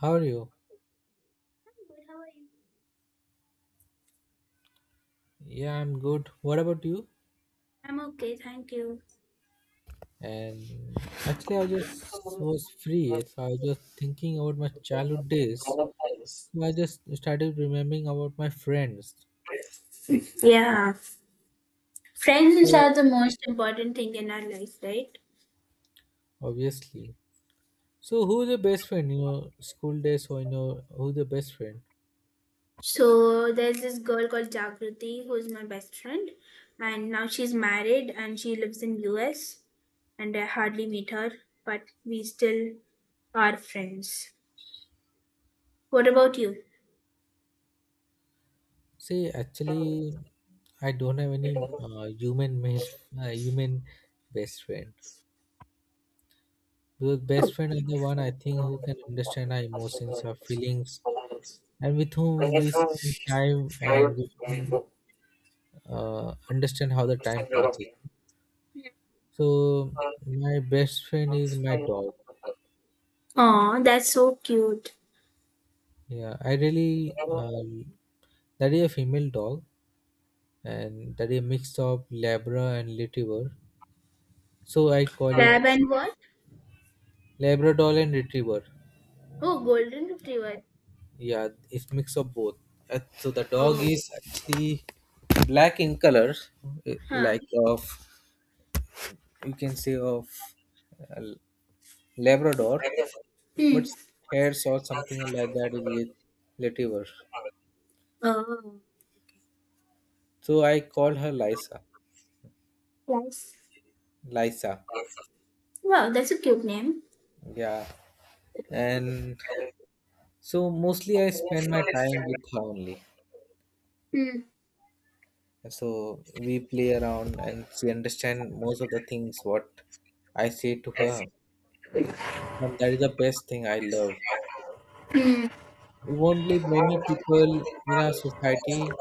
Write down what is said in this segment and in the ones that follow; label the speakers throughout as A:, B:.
A: How are you?
B: Good, how are you?
A: Yeah, I'm good. What about you?
B: I'm okay, thank you.
A: And actually, I just was free, so I was just thinking about my childhood days. So I just started remembering about my friends.
B: Yeah, friends
A: So
B: are the most important thing in our life, right?
A: obviously, so who's your best friend? You know, school days, or who's your best friend?
B: So there's this girl called Jagriti who's my best friend, and now she's married and she lives in US, and I hardly meet her, but we still are friends. What about you?
A: See, actually, I don't have any human male, human best friend. Because best friend is the one I think who can understand our emotions, our feelings, and with whom we spend time and we can understand how the time passes. So my best friend is my dog.
B: Oh, that's so cute.
A: Yeah, I really that is a female dog, and that is a mix of Labra and Retriever. So I call it
B: Lab and what?
A: Labrador and Retriever.
B: Oh, golden retriever.
A: Yeah, it's mix of both. So the dog
B: Oh,
A: is actually black in color,
B: huh.
A: like of you can say of uh, Labrador, but
B: Hmm.
A: hair or something like that is relativer.
B: Oh,
A: So I call her Lisa.
B: yes.
A: Lisa.
B: Wow, that's a cute name.
A: Yeah. And so mostly I spend my time with her only.
B: Hmm.
A: So we play around and she understand most of the things what I say to her. And that is the best thing I love.
B: Hmm.
A: You won't believe many people in our society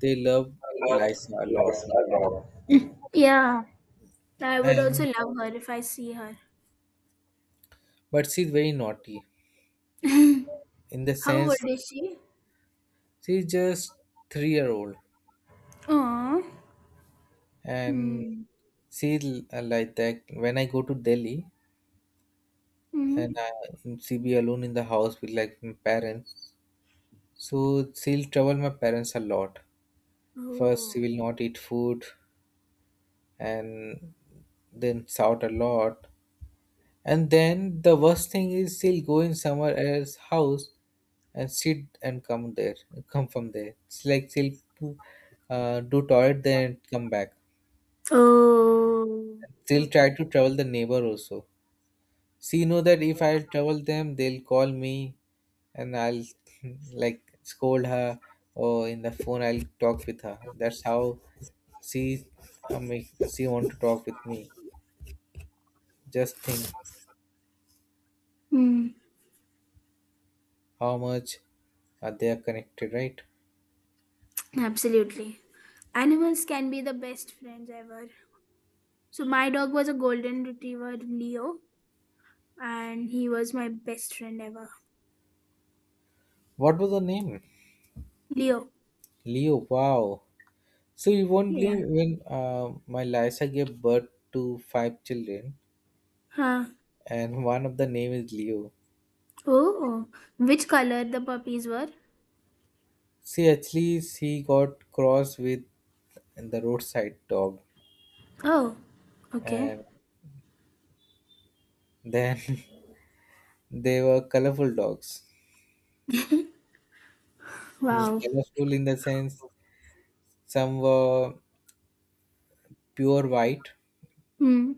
A: they love Lisa a lot.
B: Yeah, I would also
A: And
B: love her if I see her.
A: but she's very naughty in the
B: How old
A: sense
B: is she?
A: she's just 3 year old
B: Oh.
A: and
B: Hmm.
A: see like that when I go to delhi
B: Mm-hmm.
A: and I she be alone in the house with like my parents so she'll trouble my parents a lot first she
B: Oh.
A: will not eat food and then shout a lot and then the worst thing is she'll go in somewhere else house and sit and come there come from there it's like she'll do toilet then come back
B: Oh.
A: she'll try to
B: Okay.
A: trouble the neighbor also. She know that if I'll trouble them, they'll call me, and I'll like scold her, or in the phone I'll talk with her. That's how she make she want to talk with me. Just think
B: Hmm.
A: how much they are connected, right?
B: Absolutely. Animals can be the best friends ever. So my dog was a golden retriever, Leo, and he was my best friend ever.
A: What was the name?
B: Leo.
A: Leo. Wow. So you won't
B: Yeah.
A: believe when my Lisa gave birth to five children,
B: Huh.
A: and one of the name is Leo.
B: Oh. Which color the puppies were?
A: See, actually, she got cross with the roadside dog.
B: Oh. Okay.
A: And then they were colorful dogs.
B: Wow.
A: Colorful in the sense some were pure white,
B: Hmm.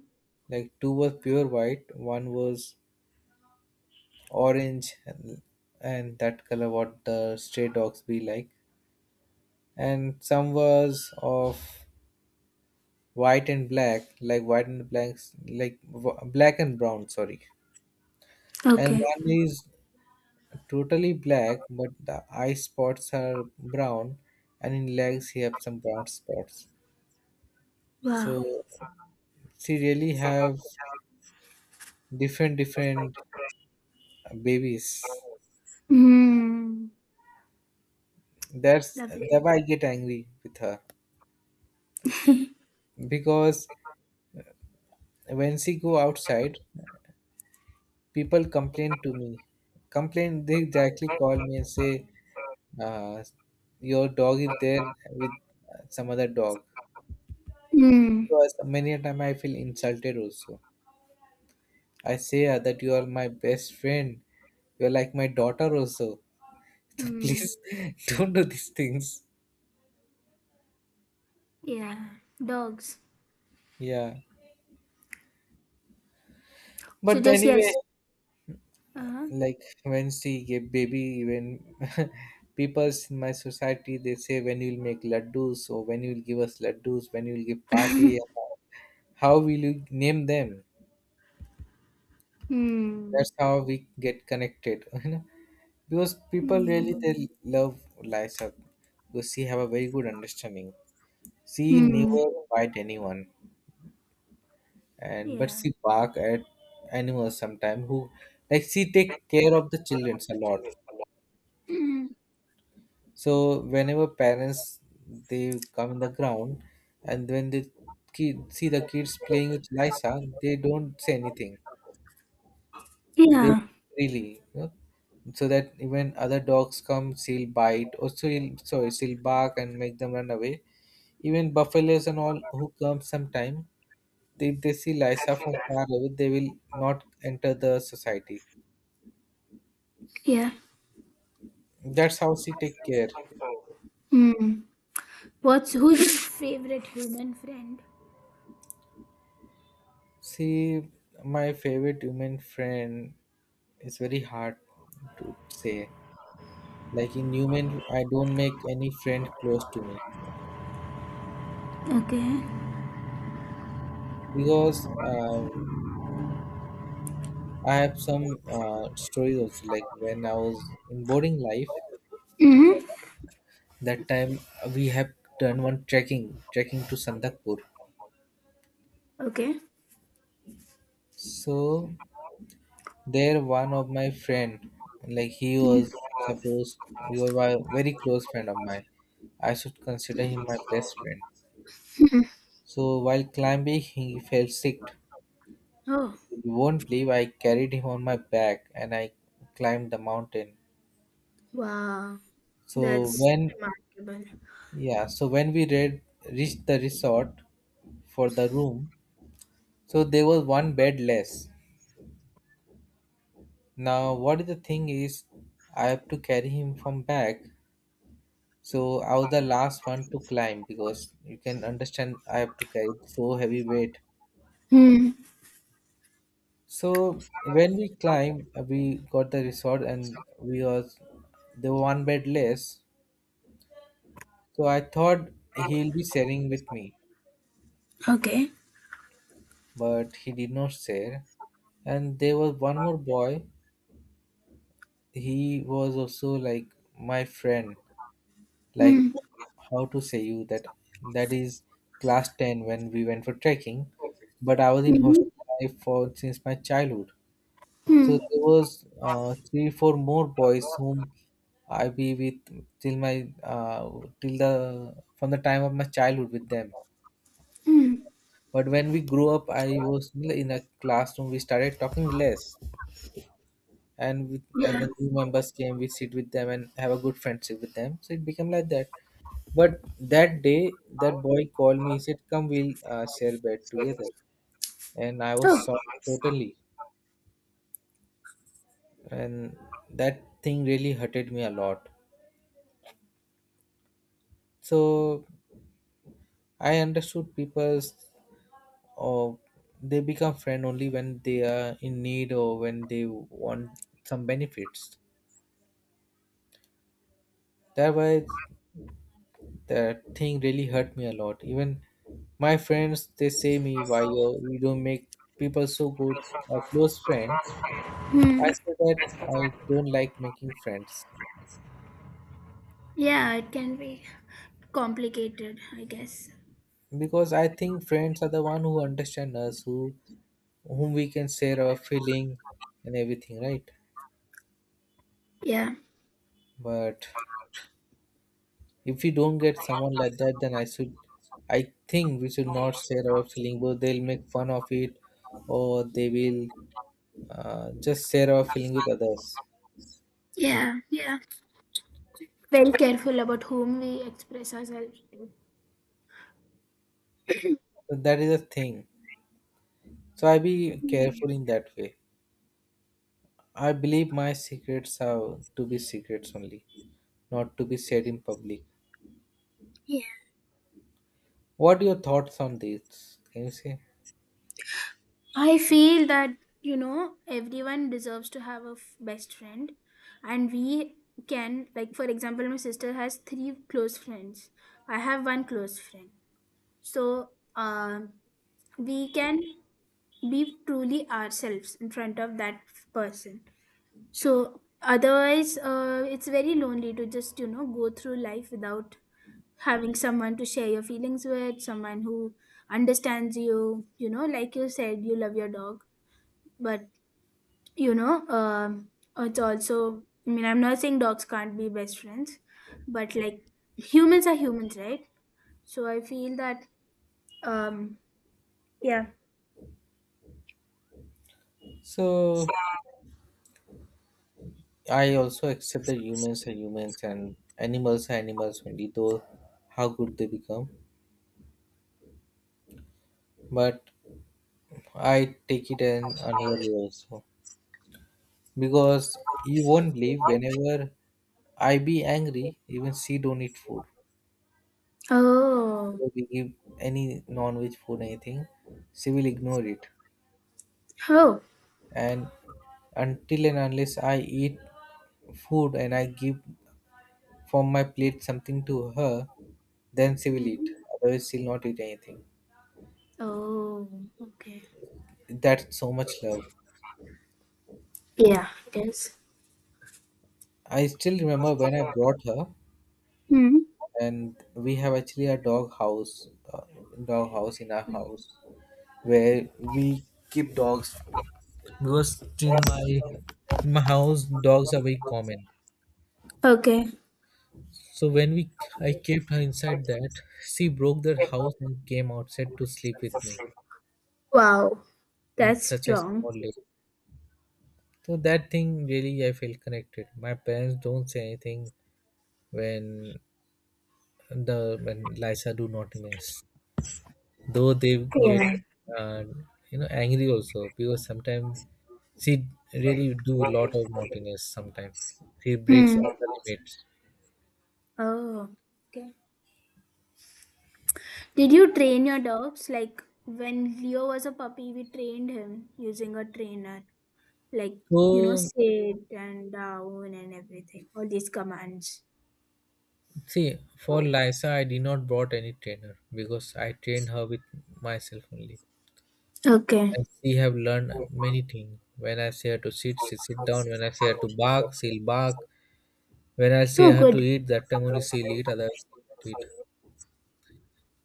A: like two were pure white, one was orange, and that color what the stray dogs be like, and some was of white and black, like white and blacks, like black and brown, sorry, and
B: Okay.
A: one is totally black, but the eye spots are brown, and in legs he have some brown spots.
B: Wow.
A: So she really have different different babies.
B: Hmm.
A: That's
B: Lovely.
A: that why I get angry with her because when she go outside, people complain to me. Complain they directly call me and say, uh, "Your dog is there with some other dog."
B: Mm.
A: So many a time I feel insulted also. I say that you are my best friend. You are like my daughter also. So
B: Mm.
A: please don't do these things.
B: Yeah. Dogs.
A: Yeah.
B: So
A: But
B: just
A: anyway,
B: yes. Uh-huh.
A: like when she gave baby, when people's in my society they say when you'll make laddus or when you'll give us laddus, when you'll give party, how will you name them?
B: Mm.
A: That's how we get connected, Because people really
B: Mm.
A: they love Lisa because she have a very good understanding. She
B: Mm.
A: never bite anyone, and but
B: Yeah.
A: she bark at animals sometimes who like she take care of the children a lot.
B: Mm.
A: So whenever parents they come in the ground and when they kid, see the kids playing with Lisa, they don't say anything. They
B: Yeah.
A: really, so that even other dogs come, she'll bite or she'll sorry, she'll bark and make them run away. Even buffaloes and all who come sometime, they, if they see Lisa from far away, they will not enter the society.
B: Yeah.
A: That's how she take care.
B: Mm. What's who's your favorite human friend?
A: See, my favorite human friend it's very hard to say. Like in human, I don't make any friend close to me
B: Okay.
A: because I have some stories also. Like when I was in boarding life,
B: Mm-hmm.
A: that time we have done one trekking, trekking to Sandakpur.
B: Okay.
A: So there, one of my friend, like he was
B: hmm
A: supposed, he was a very close friend of mine. I should consider him my best friend. So while climbing, he fell sick.
B: Oh.
A: You won't believe I carried him on my back and I climbed the mountain.
B: Wow.
A: So
B: That's remarkable.
A: when we reached the resort for the room, so there was one bed less. Now what is the thing is I have to carry him from back. So I was the last one to climb because you can understand I have to carry so heavy weight.
B: Hmm.
A: So when we climbed, we got the resort and we was there were one bed less. So I thought he'll be sharing with me,
B: Okay.
A: but he did not share. And there was one more boy. He was also like my friend. Like
B: Mm.
A: how to say you that that is class ten when we went for trekking, but I was in
B: Mm-hmm.
A: hostel life for since my childhood. So
B: Hmm.
A: there was 3 4 more boys whom I be with till my till the from the time of my childhood with them.
B: Mm.
A: But when we grew up, I was still in a classroom. We started talking less, and with, as
B: Yeah.
A: the new members came, we sit with them and have a good friendship with them. So it became like that. But that day, that boy called me. He said, "Come, we'll share bed together." And I was
B: Oh.
A: shocked totally, and that thing really hurted me a lot. So I understood people's or they become friend only when they are in need or when they want some benefits. That way, that thing really hurt me a lot. Even my friends, they say me, why you don't make people so good, a close friend.
B: Hmm.
A: I say that I don't like making friends
B: Yeah, it can be complicated, I guess.
A: because I think friends are the one who understand us, whom we can share our feeling and everything, right?
B: Yeah,
A: But if we don't get someone like that, then I think we should not share our feeling, but they'll make fun of it, or they will just share our feeling with others.
B: yeah, yeah, very careful about whom we express ourselves.
A: That is a thing. So I be careful in that way. I believe my secrets are to be secrets only, not to be said in public.
B: Yeah,
A: What are your thoughts on this? Can you say?
B: I feel that, everyone deserves to have a best friend. And we can, like, for example, my sister has three close friends. I have one close friend. So, um, we can be truly ourselves in front of that person. So, otherwise, it's very lonely to just, go through life without having someone to share your feelings with, someone who understands you. You know, like you said, you love your dog, but you know, um, it's also. I mean, I'm not saying dogs can't be best friends, but like humans are humans, right? So I feel that. Um. Yeah.
A: So I also accept that humans are humans and animals are animals only, though how good they become. But I take it in another way also. Because you won't believe whenever I be angry, even she don't eat food.
B: Oh.
A: If we give any non-veg food anything, she will ignore it.
B: Oh.
A: And until and unless I eat food and I give from my plate something to her, then she will eat.
B: Mhm.
A: Otherwise, she'll not eat anything.
B: Oh. Okay.
A: That's so much love.
B: Yeah. It is.
A: I still remember when I brought her,
B: Hmm.
A: and we have actually a dog house in our house where we keep dogs because in my house dogs are very common.
B: Okay.
A: So when we I kept her inside that, she broke the house and came outside to sleep with me
B: Wow.
A: in
B: That's
A: such a
B: strong.
A: small lake. So that thing really I feel connected. My parents don't say anything when the when Lisa do naughtiness. Though they get
B: Yeah.
A: uh, you know angry also because sometimes she really do lot of naughtiness sometimes. She breaks
B: Hmm.
A: all the limits.
B: Oh. Okay. Did you train your dogs? Like when Leo was a puppy, we trained him using a trainer. Like, you know,
A: So
B: sit and down and everything. All these commands.
A: see, for Lisa, I did not brought any trainer because I trained her with myself only.
B: Okay.
A: And she have learned many things. When I say her to sit, she sit down. When I say her to bark, she'll bark. When I say
B: Oh,
A: her to
B: good.
A: eat, that time only she'll eat, otherwise she'll not eat.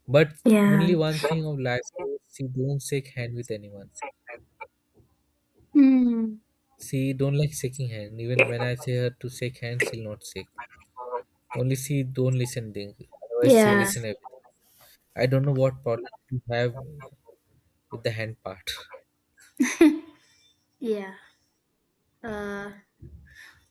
A: But only
B: Yeah.
A: one thing of Lisa is she don't shake hand with anyone.
B: Hmm.
A: She don't like shaking hand. Even when I say her to shake hand, she'll not shake. Only she don't listen thing. Otherwise she
B: Yeah.
A: listen everything. I don't know what problem you have with the hand part.
B: Yeah. Uh,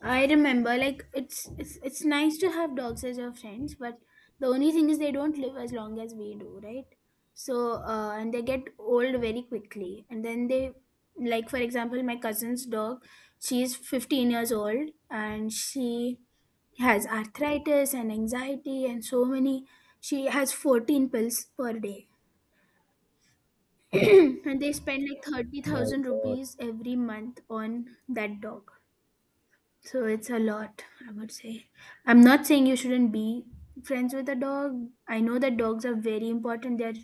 B: I remember, like it's nice to have dogs as your friends, but the only thing is they don't live as long as we do, right? So and they get old very quickly, and then they like for example, my cousin's dog, she's 15 years old, and she has arthritis and anxiety and so many. She has 14 pills per day, and they spend like thirty
A: My
B: thousand
A: God.
B: rupees every month on that dog, so it's a lot, I would say. I'm not saying you shouldn't be friends with a dog. I know that dogs are very important. They're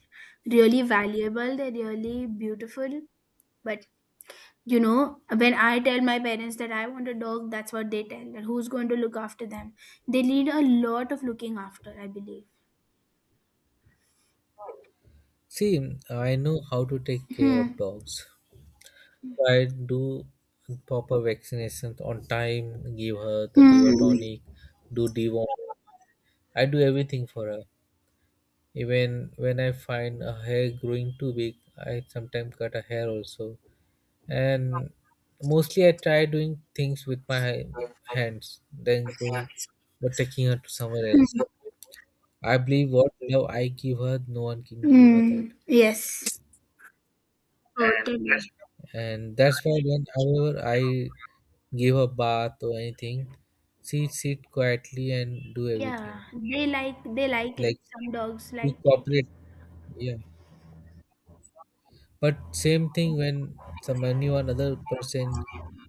B: really valuable. They're really beautiful. But you know, when I tell my parents that I want a dog, that's what they tell. That who's going to look after them? They need a lot of looking after, I believe.
A: See, I know how to take care of
B: Hmm.
A: dogs. I do proper vaccinations on time, give her the liver
B: Hmm.
A: tonic, do deworm. I do everything for her. Even when I find a hair growing too big, I sometimes cut a hair also. And mostly I try doing things with my hands than going but taking her to somewhere else. I believe what love I give her, no one can give her that.
B: Hmm. Yes. Totally.
A: And that's why whenever I give a bath or anything, she sit quietly and do everything.
B: Yeah. They they like it.
A: Like
B: Some dogs
A: we
B: like it.
A: cooperate, yeah. But same thing when some anyone other person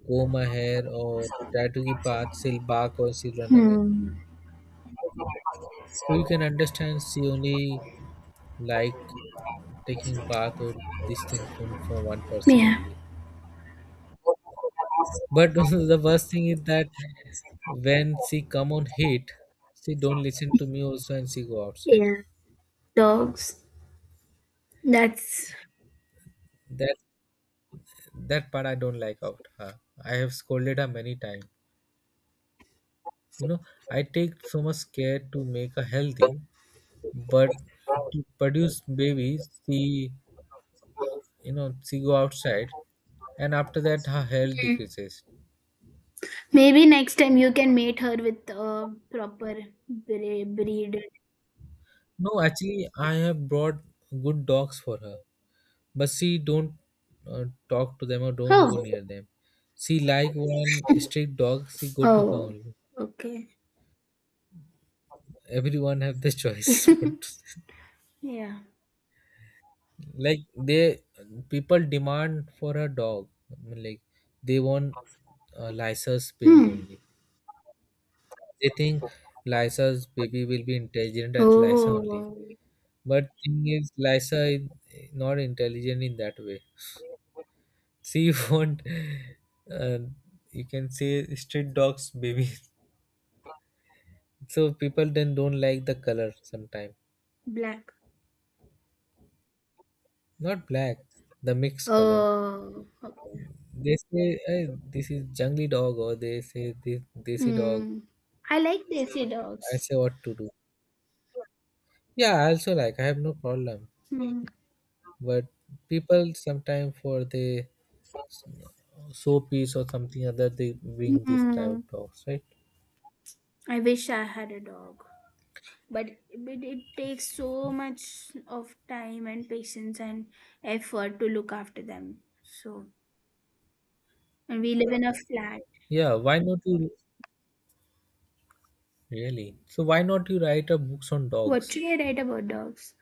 A: comb my hair or try to give bath, she'll bark or she'll run away.
B: Hmm.
A: So you can understand she only like taking bath or this thing from one person
B: Yeah.
A: only. But the worst thing is that when she come on heat, she don't listen to me also, and she go outside.
B: Yeah. Dogs. That's
A: That that part I don't like out her. I have scolded her many times. You know, I take so much care to make her healthy, but to produce babies, she you know she go outside, and after that her health
B: Mm.
A: decreases.
B: Maybe next time you can mate her with a proper breed.
A: No, actually, I have brought good dogs for her. But she don't talk to them or don't
B: Oh,
A: go near them. She like one strict dog, she go to her
B: oh,
A: only.
B: okay,
A: Everyone have the choice what to-
B: yeah.
A: like they people demand for a dog. I mean, like they want lysa's babies
B: Hmm.
A: only. They think lysa's baby will be intelligent at lysa only,
B: Oh,
A: but thing is lysa is not intelligent in that way. She want uh, you can say street dogs baby. So people then don't like the color sometimes.
B: black.
A: Not black, the mixed color.
B: Oh, okay.
A: They say, "Hey, this is jungly dog," or they say this desi dog.
B: Hmm. I like desi
A: I
B: dogs.
A: say what to do. Yeah, I also like. I have no problem.
B: Hmm.
A: But people sometimes for the piece or something other they bring this type
B: Hmm.
A: of dogs, right?
B: I wish I had a dog, but it takes so much of time and patience and effort to look after them. So, and we live in a flat.
A: Yeah, why not you really? So why not you write a books on
B: What
A: dogs?
B: should I write about dogs?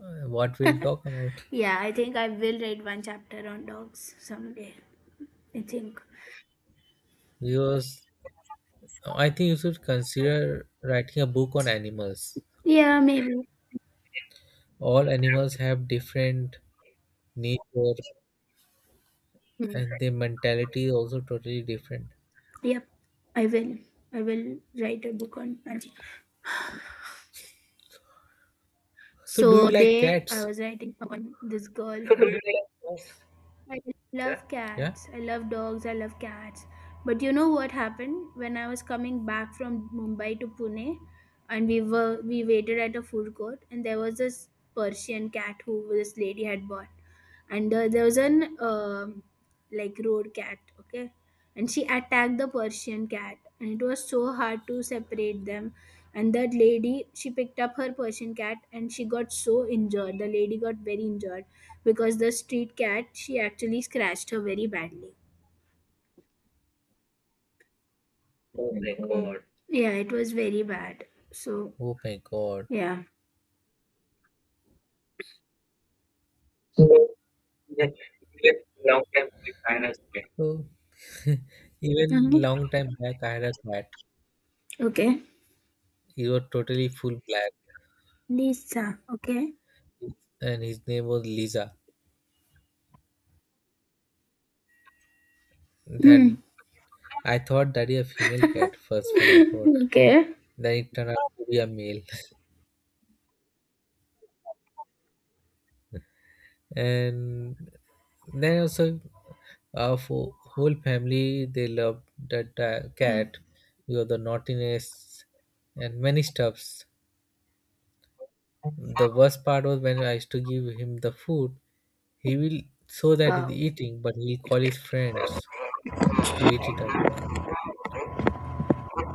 A: What we'll talk about,
B: Yeah, I think I will write one chapter on dogs someday. I think.
A: because I think you should consider writing a book on animals.
B: Yeah, maybe.
A: All animals have different nature,
B: Mm.
A: and their mentality is also totally different.
B: Yep, I will. I will write a book on Panchi.
A: So do you
B: So,
A: like
B: today I
A: cats?
B: was writing on this girl who I Yeah. Love
A: Yeah?
B: cats. I love dogs. I love cats. But you know what happened when I was coming back from Mumbai to Pune, and we waited at a food court, and there was this Persian cat who this lady had bought, and there was an like road cat, okay, and she attacked the Persian cat, and it was so hard to separate them, and that lady she picked up her Persian cat, and she got so injured. The lady got very injured because the street cat she actually scratched her very badly. Yeah, it was very bad. So
A: Oh my God.
B: yeah.
A: So even
B: Uh-huh.
A: long time back I had a cat.
B: Okay.
A: He was totally full black,
B: Lisa. Okay.
A: and his name was Lisa. That
B: Hmm.
A: I thought that he a female cat first when I bought.
B: okay.
A: Then it turned out to be a male. And then also for whole family they love that
B: Mm.
A: cat. You have the naughtiness and many stuffs. The worst part was when I used to give him the food, he will show that he's
B: Wow.
A: eating but he'll call his friends to eat it up,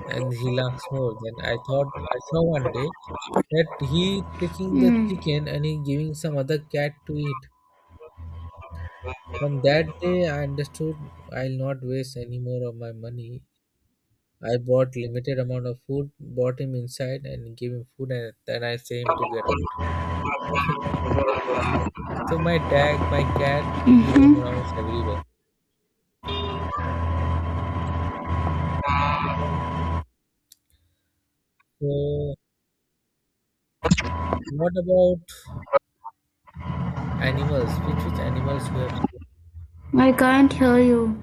A: and he laughs more. Then I thought I saw one day that he taking the
B: Hmm.
A: chicken and he giving some other cat to eat. From that day I understood I'll not waste any more of my money. I bought limited amount of food, brought him inside and gave him food, and then I sent him to get out. So my dog, my cat, he roam
B: Mm-hmm.
A: around everywhere. So what about animals? Which animals you have?
B: I can't hear you.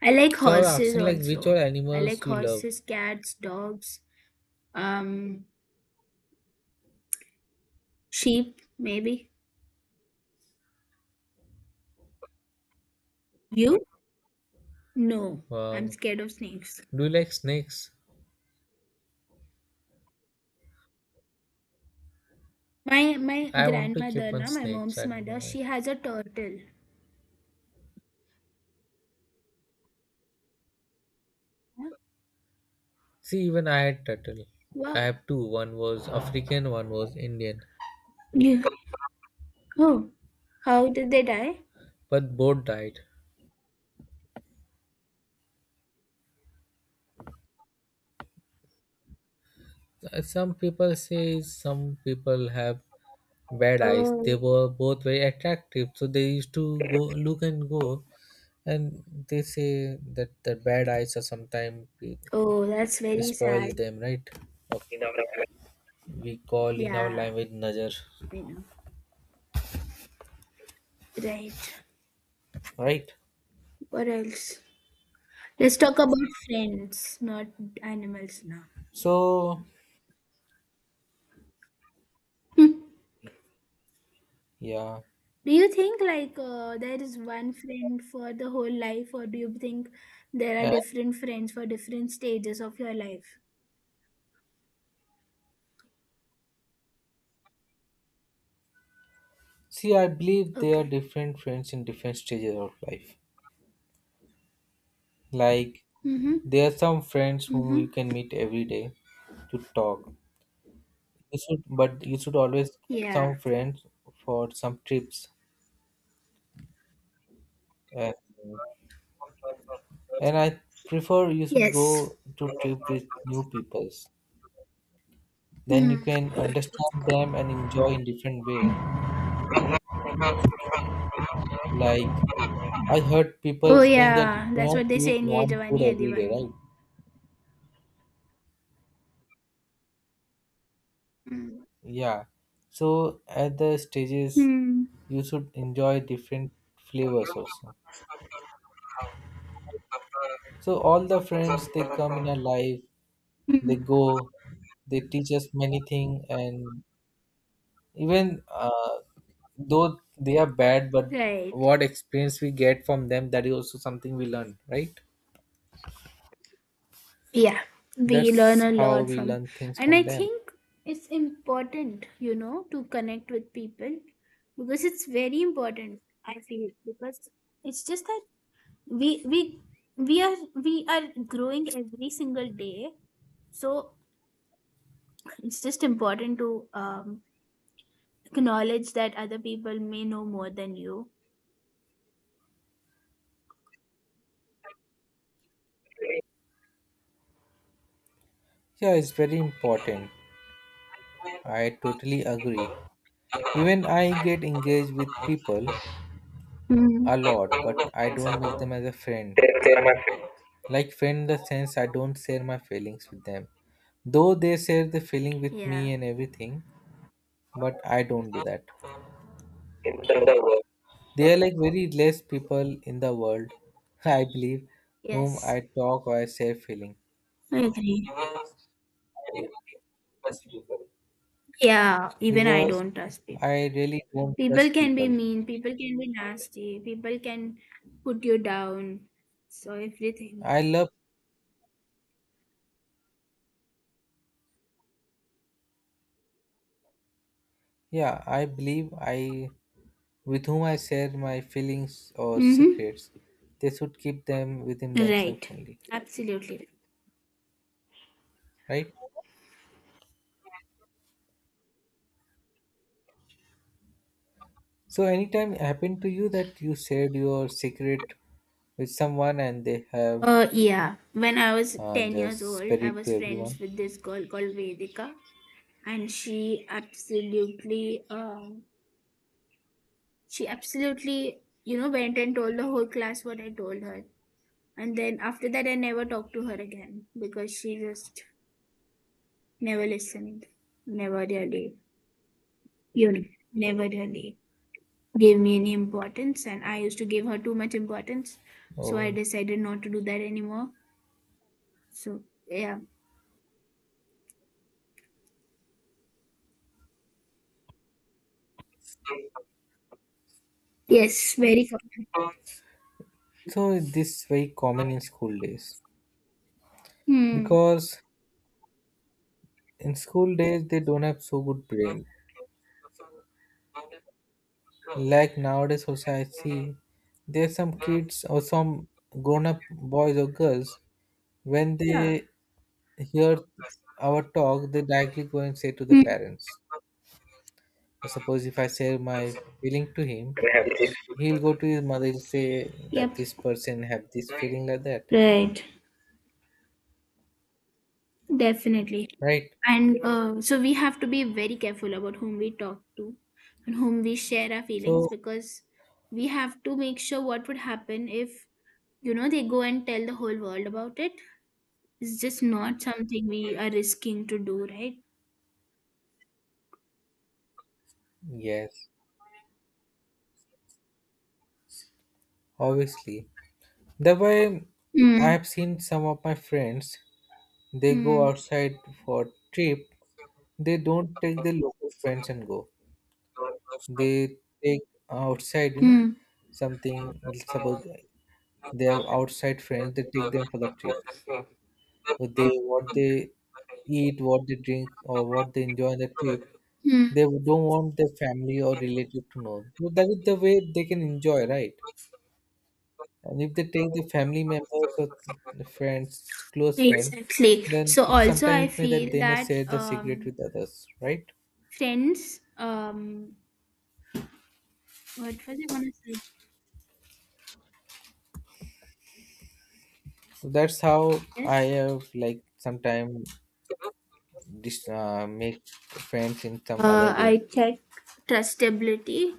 B: I like
A: So I was
B: horses
A: asking like which all
B: also. I
A: animals
B: like
A: do you love?
B: horses, cats, dogs, um, sheep, maybe. You? No, I'm
A: Wow.
B: scared of snakes.
A: Do you like snakes?
B: My
A: I want to keep
B: grandmother,
A: on
B: na, my
A: snakes.
B: mom's
A: I don't know
B: mother,
A: why.
B: she has a turtle. Huh?
A: See, even I had turtle. I
B: Wow.
A: have two. One was African, one was Indian,
B: Yeah. Oh, how did they die?
A: but both died. Some people say some people have bad eyes. They
B: Oh,
A: were both very attractive, so they used to go look and go, and they say that the bad eyes are sometimes
B: oh, that's very
A: spoil
B: sad.
A: them, right? We call in our
B: Yeah,
A: language najar,
B: I know. Right.
A: right?
B: What else? Let's talk about friends, not animals now.
A: So
B: Hmm.
A: yeah,
B: Do you think like there is one friend for the whole life, or do you think there are
A: uh,
B: different friends for different stages of your life?
A: see, I believe they are different friends in different stages of life. Like
B: Mm-hmm.
A: there are some friends whom you
B: Mm-hmm.
A: can meet every day to talk. You should, but you should always keep
B: Yeah.
A: some friends for some trips. Uh, And I prefer you should
B: Yes.
A: go to trip with new peoples. Then you
B: Hmm.
A: can understand them and enjoy in different way. Like I heard people
B: Oh
A: saying that you
B: yeah, that's
A: cannot
B: what they
A: eat
B: say in Ye
A: one food
B: Jawani Hai
A: every day,
B: Diwani.
A: right?
B: Mm.
A: Yeah. So at the stages,
B: Hmm.
A: you should enjoy different flavors also. So all the friends they come in our life, they
B: Hmm.
A: go, they teach us many things, and even though they are bad, but
B: Right.
A: what experience we get from them, that is also something we learn, right?
B: Yeah, we
A: That's
B: learn a
A: how
B: lot
A: we
B: from,
A: learn things
B: and I
A: from them.
B: think it's important, you know, to connect with people because it's very important. I feel because it's just that we we we are growing every single day, so it's just important to acknowledge that other people may know more than you.
A: Yeah, it's very important. I totally agree. Even I get engaged with people
B: Mm.
A: a lot, but I don't make them as a friend. Like friend in the sense I don't share my feelings with them. Though they share the feeling with
B: Yeah.
A: me and everything, but I don't do that. They are like very less people in the world, I believe, whom I
B: Yes.
A: talk or I share feeling,
B: I agree. Yeah, even I
A: because
B: don't trust people.
A: I really don't
B: People
A: trust
B: can be
A: people.
B: mean, people can be nasty, people can put you down. So everything.
A: I love, yeah, I believe I, with whom I share my feelings or
B: Mm-hmm.
A: secrets, they should keep them within themselves
B: Right.
A: only,
B: Absolutely. Right.
A: right? So, anytime it happened to you that you shared your secret with someone and they have
B: Yeah. When I was 10 years
A: just
B: old,
A: spread
B: I
A: it
B: was
A: to everyone.
B: friends with this girl called Vedika, and she absolutely you know went and told the whole class what I told her. And then after that, I never talked to her again because she just Never listening. Never really. You know, never really gave me any importance, and I used to give her too much importance. So I
A: Oh,
B: decided not to do that anymore. So yeah, yes, very common.
A: so this very common in school days.
B: Hmm.
A: Because in school days they don't have so good brain, like nowadays also I see there's some kids or some grown-up boys or girls, when
B: Yeah.
A: they hear our talk they directly go and say to the
B: Hmm.
A: parents. Suppose if I say my feeling to him, he'll go to his mother, he'll say that
B: Yep.
A: this person have this feeling like that,
B: Right. Definitely.
A: right?
B: And so we have to be very careful about whom we talk to and whom we share our feelings
A: So
B: because we have to make sure what would happen if, you know, they go and tell the whole world about it. It's just not something we are risking to do, right?
A: yes, obviously, that way I
B: Mm,
A: have seen some of my friends. They go
B: mm,
A: outside for trip. They don't take their local friends and go. They take outside,
B: mm,
A: something. Suppose they have outside friends. They take them for the trip. So they what they eat, what they drink, or what they enjoy on the trip.
B: mm.
A: They don't want their family or relative to know. So that is the way they can enjoy, right? And if they take the family members or the friends, close friend,
B: Exactly.
A: then
B: So
A: it,
B: also I
A: sometimes it may that
B: feel
A: they may
B: that
A: share the secret with others, right?
B: friends what was I gonna say?
A: So that's how I have like sometime make friends in some other
B: I
A: way.
B: check trustability.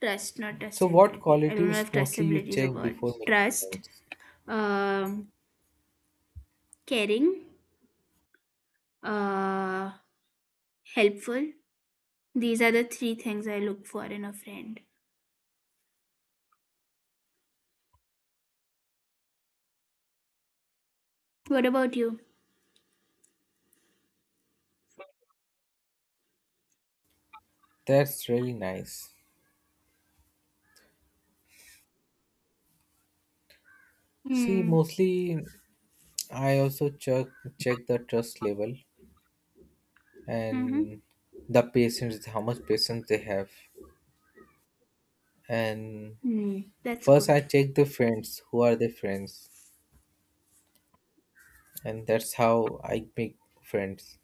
B: Trust, not
A: So what
B: trustability. I don't know
A: qualities
B: if
A: mostly you
B: trustability is a
A: check
B: word.
A: before making
B: Trust.
A: friends?
B: Um caring. Uh helpful. These are the three things I look for in a friend. What about you?
A: That's really nice. See,
B: Mm.
A: mostly I also check the trust level and
B: Mm-hmm.
A: the patience, how much patience they have. And
B: Mm, that's
A: first, I
B: good.
A: check the friends. Who are the friends? And that's how I make friends.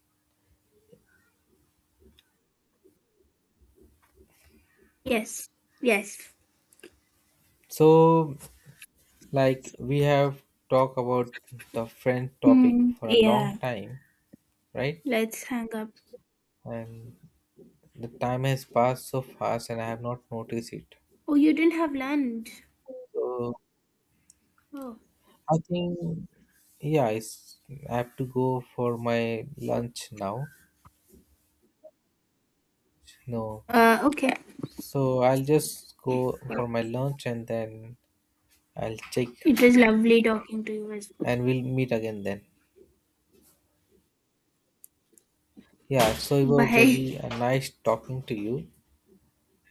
B: Yes. Yes.
A: So like we have talked about the friend topic
B: Hmm.
A: for a long
B: Yeah.
A: time, right?
B: Let's hang up.
A: And the time has passed so fast and I have not noticed it.
B: Oh, you didn't have lunch.
A: So
B: Oh.
A: I think yeah, it's, I have to go for my lunch now. No.
B: Okay.
A: So I'll just go for my lunch and then I'll check
B: It was lovely talking to you as well.
A: and we'll meet again then. Yeah, so it was
B: Bye.
A: really a nice talking to you.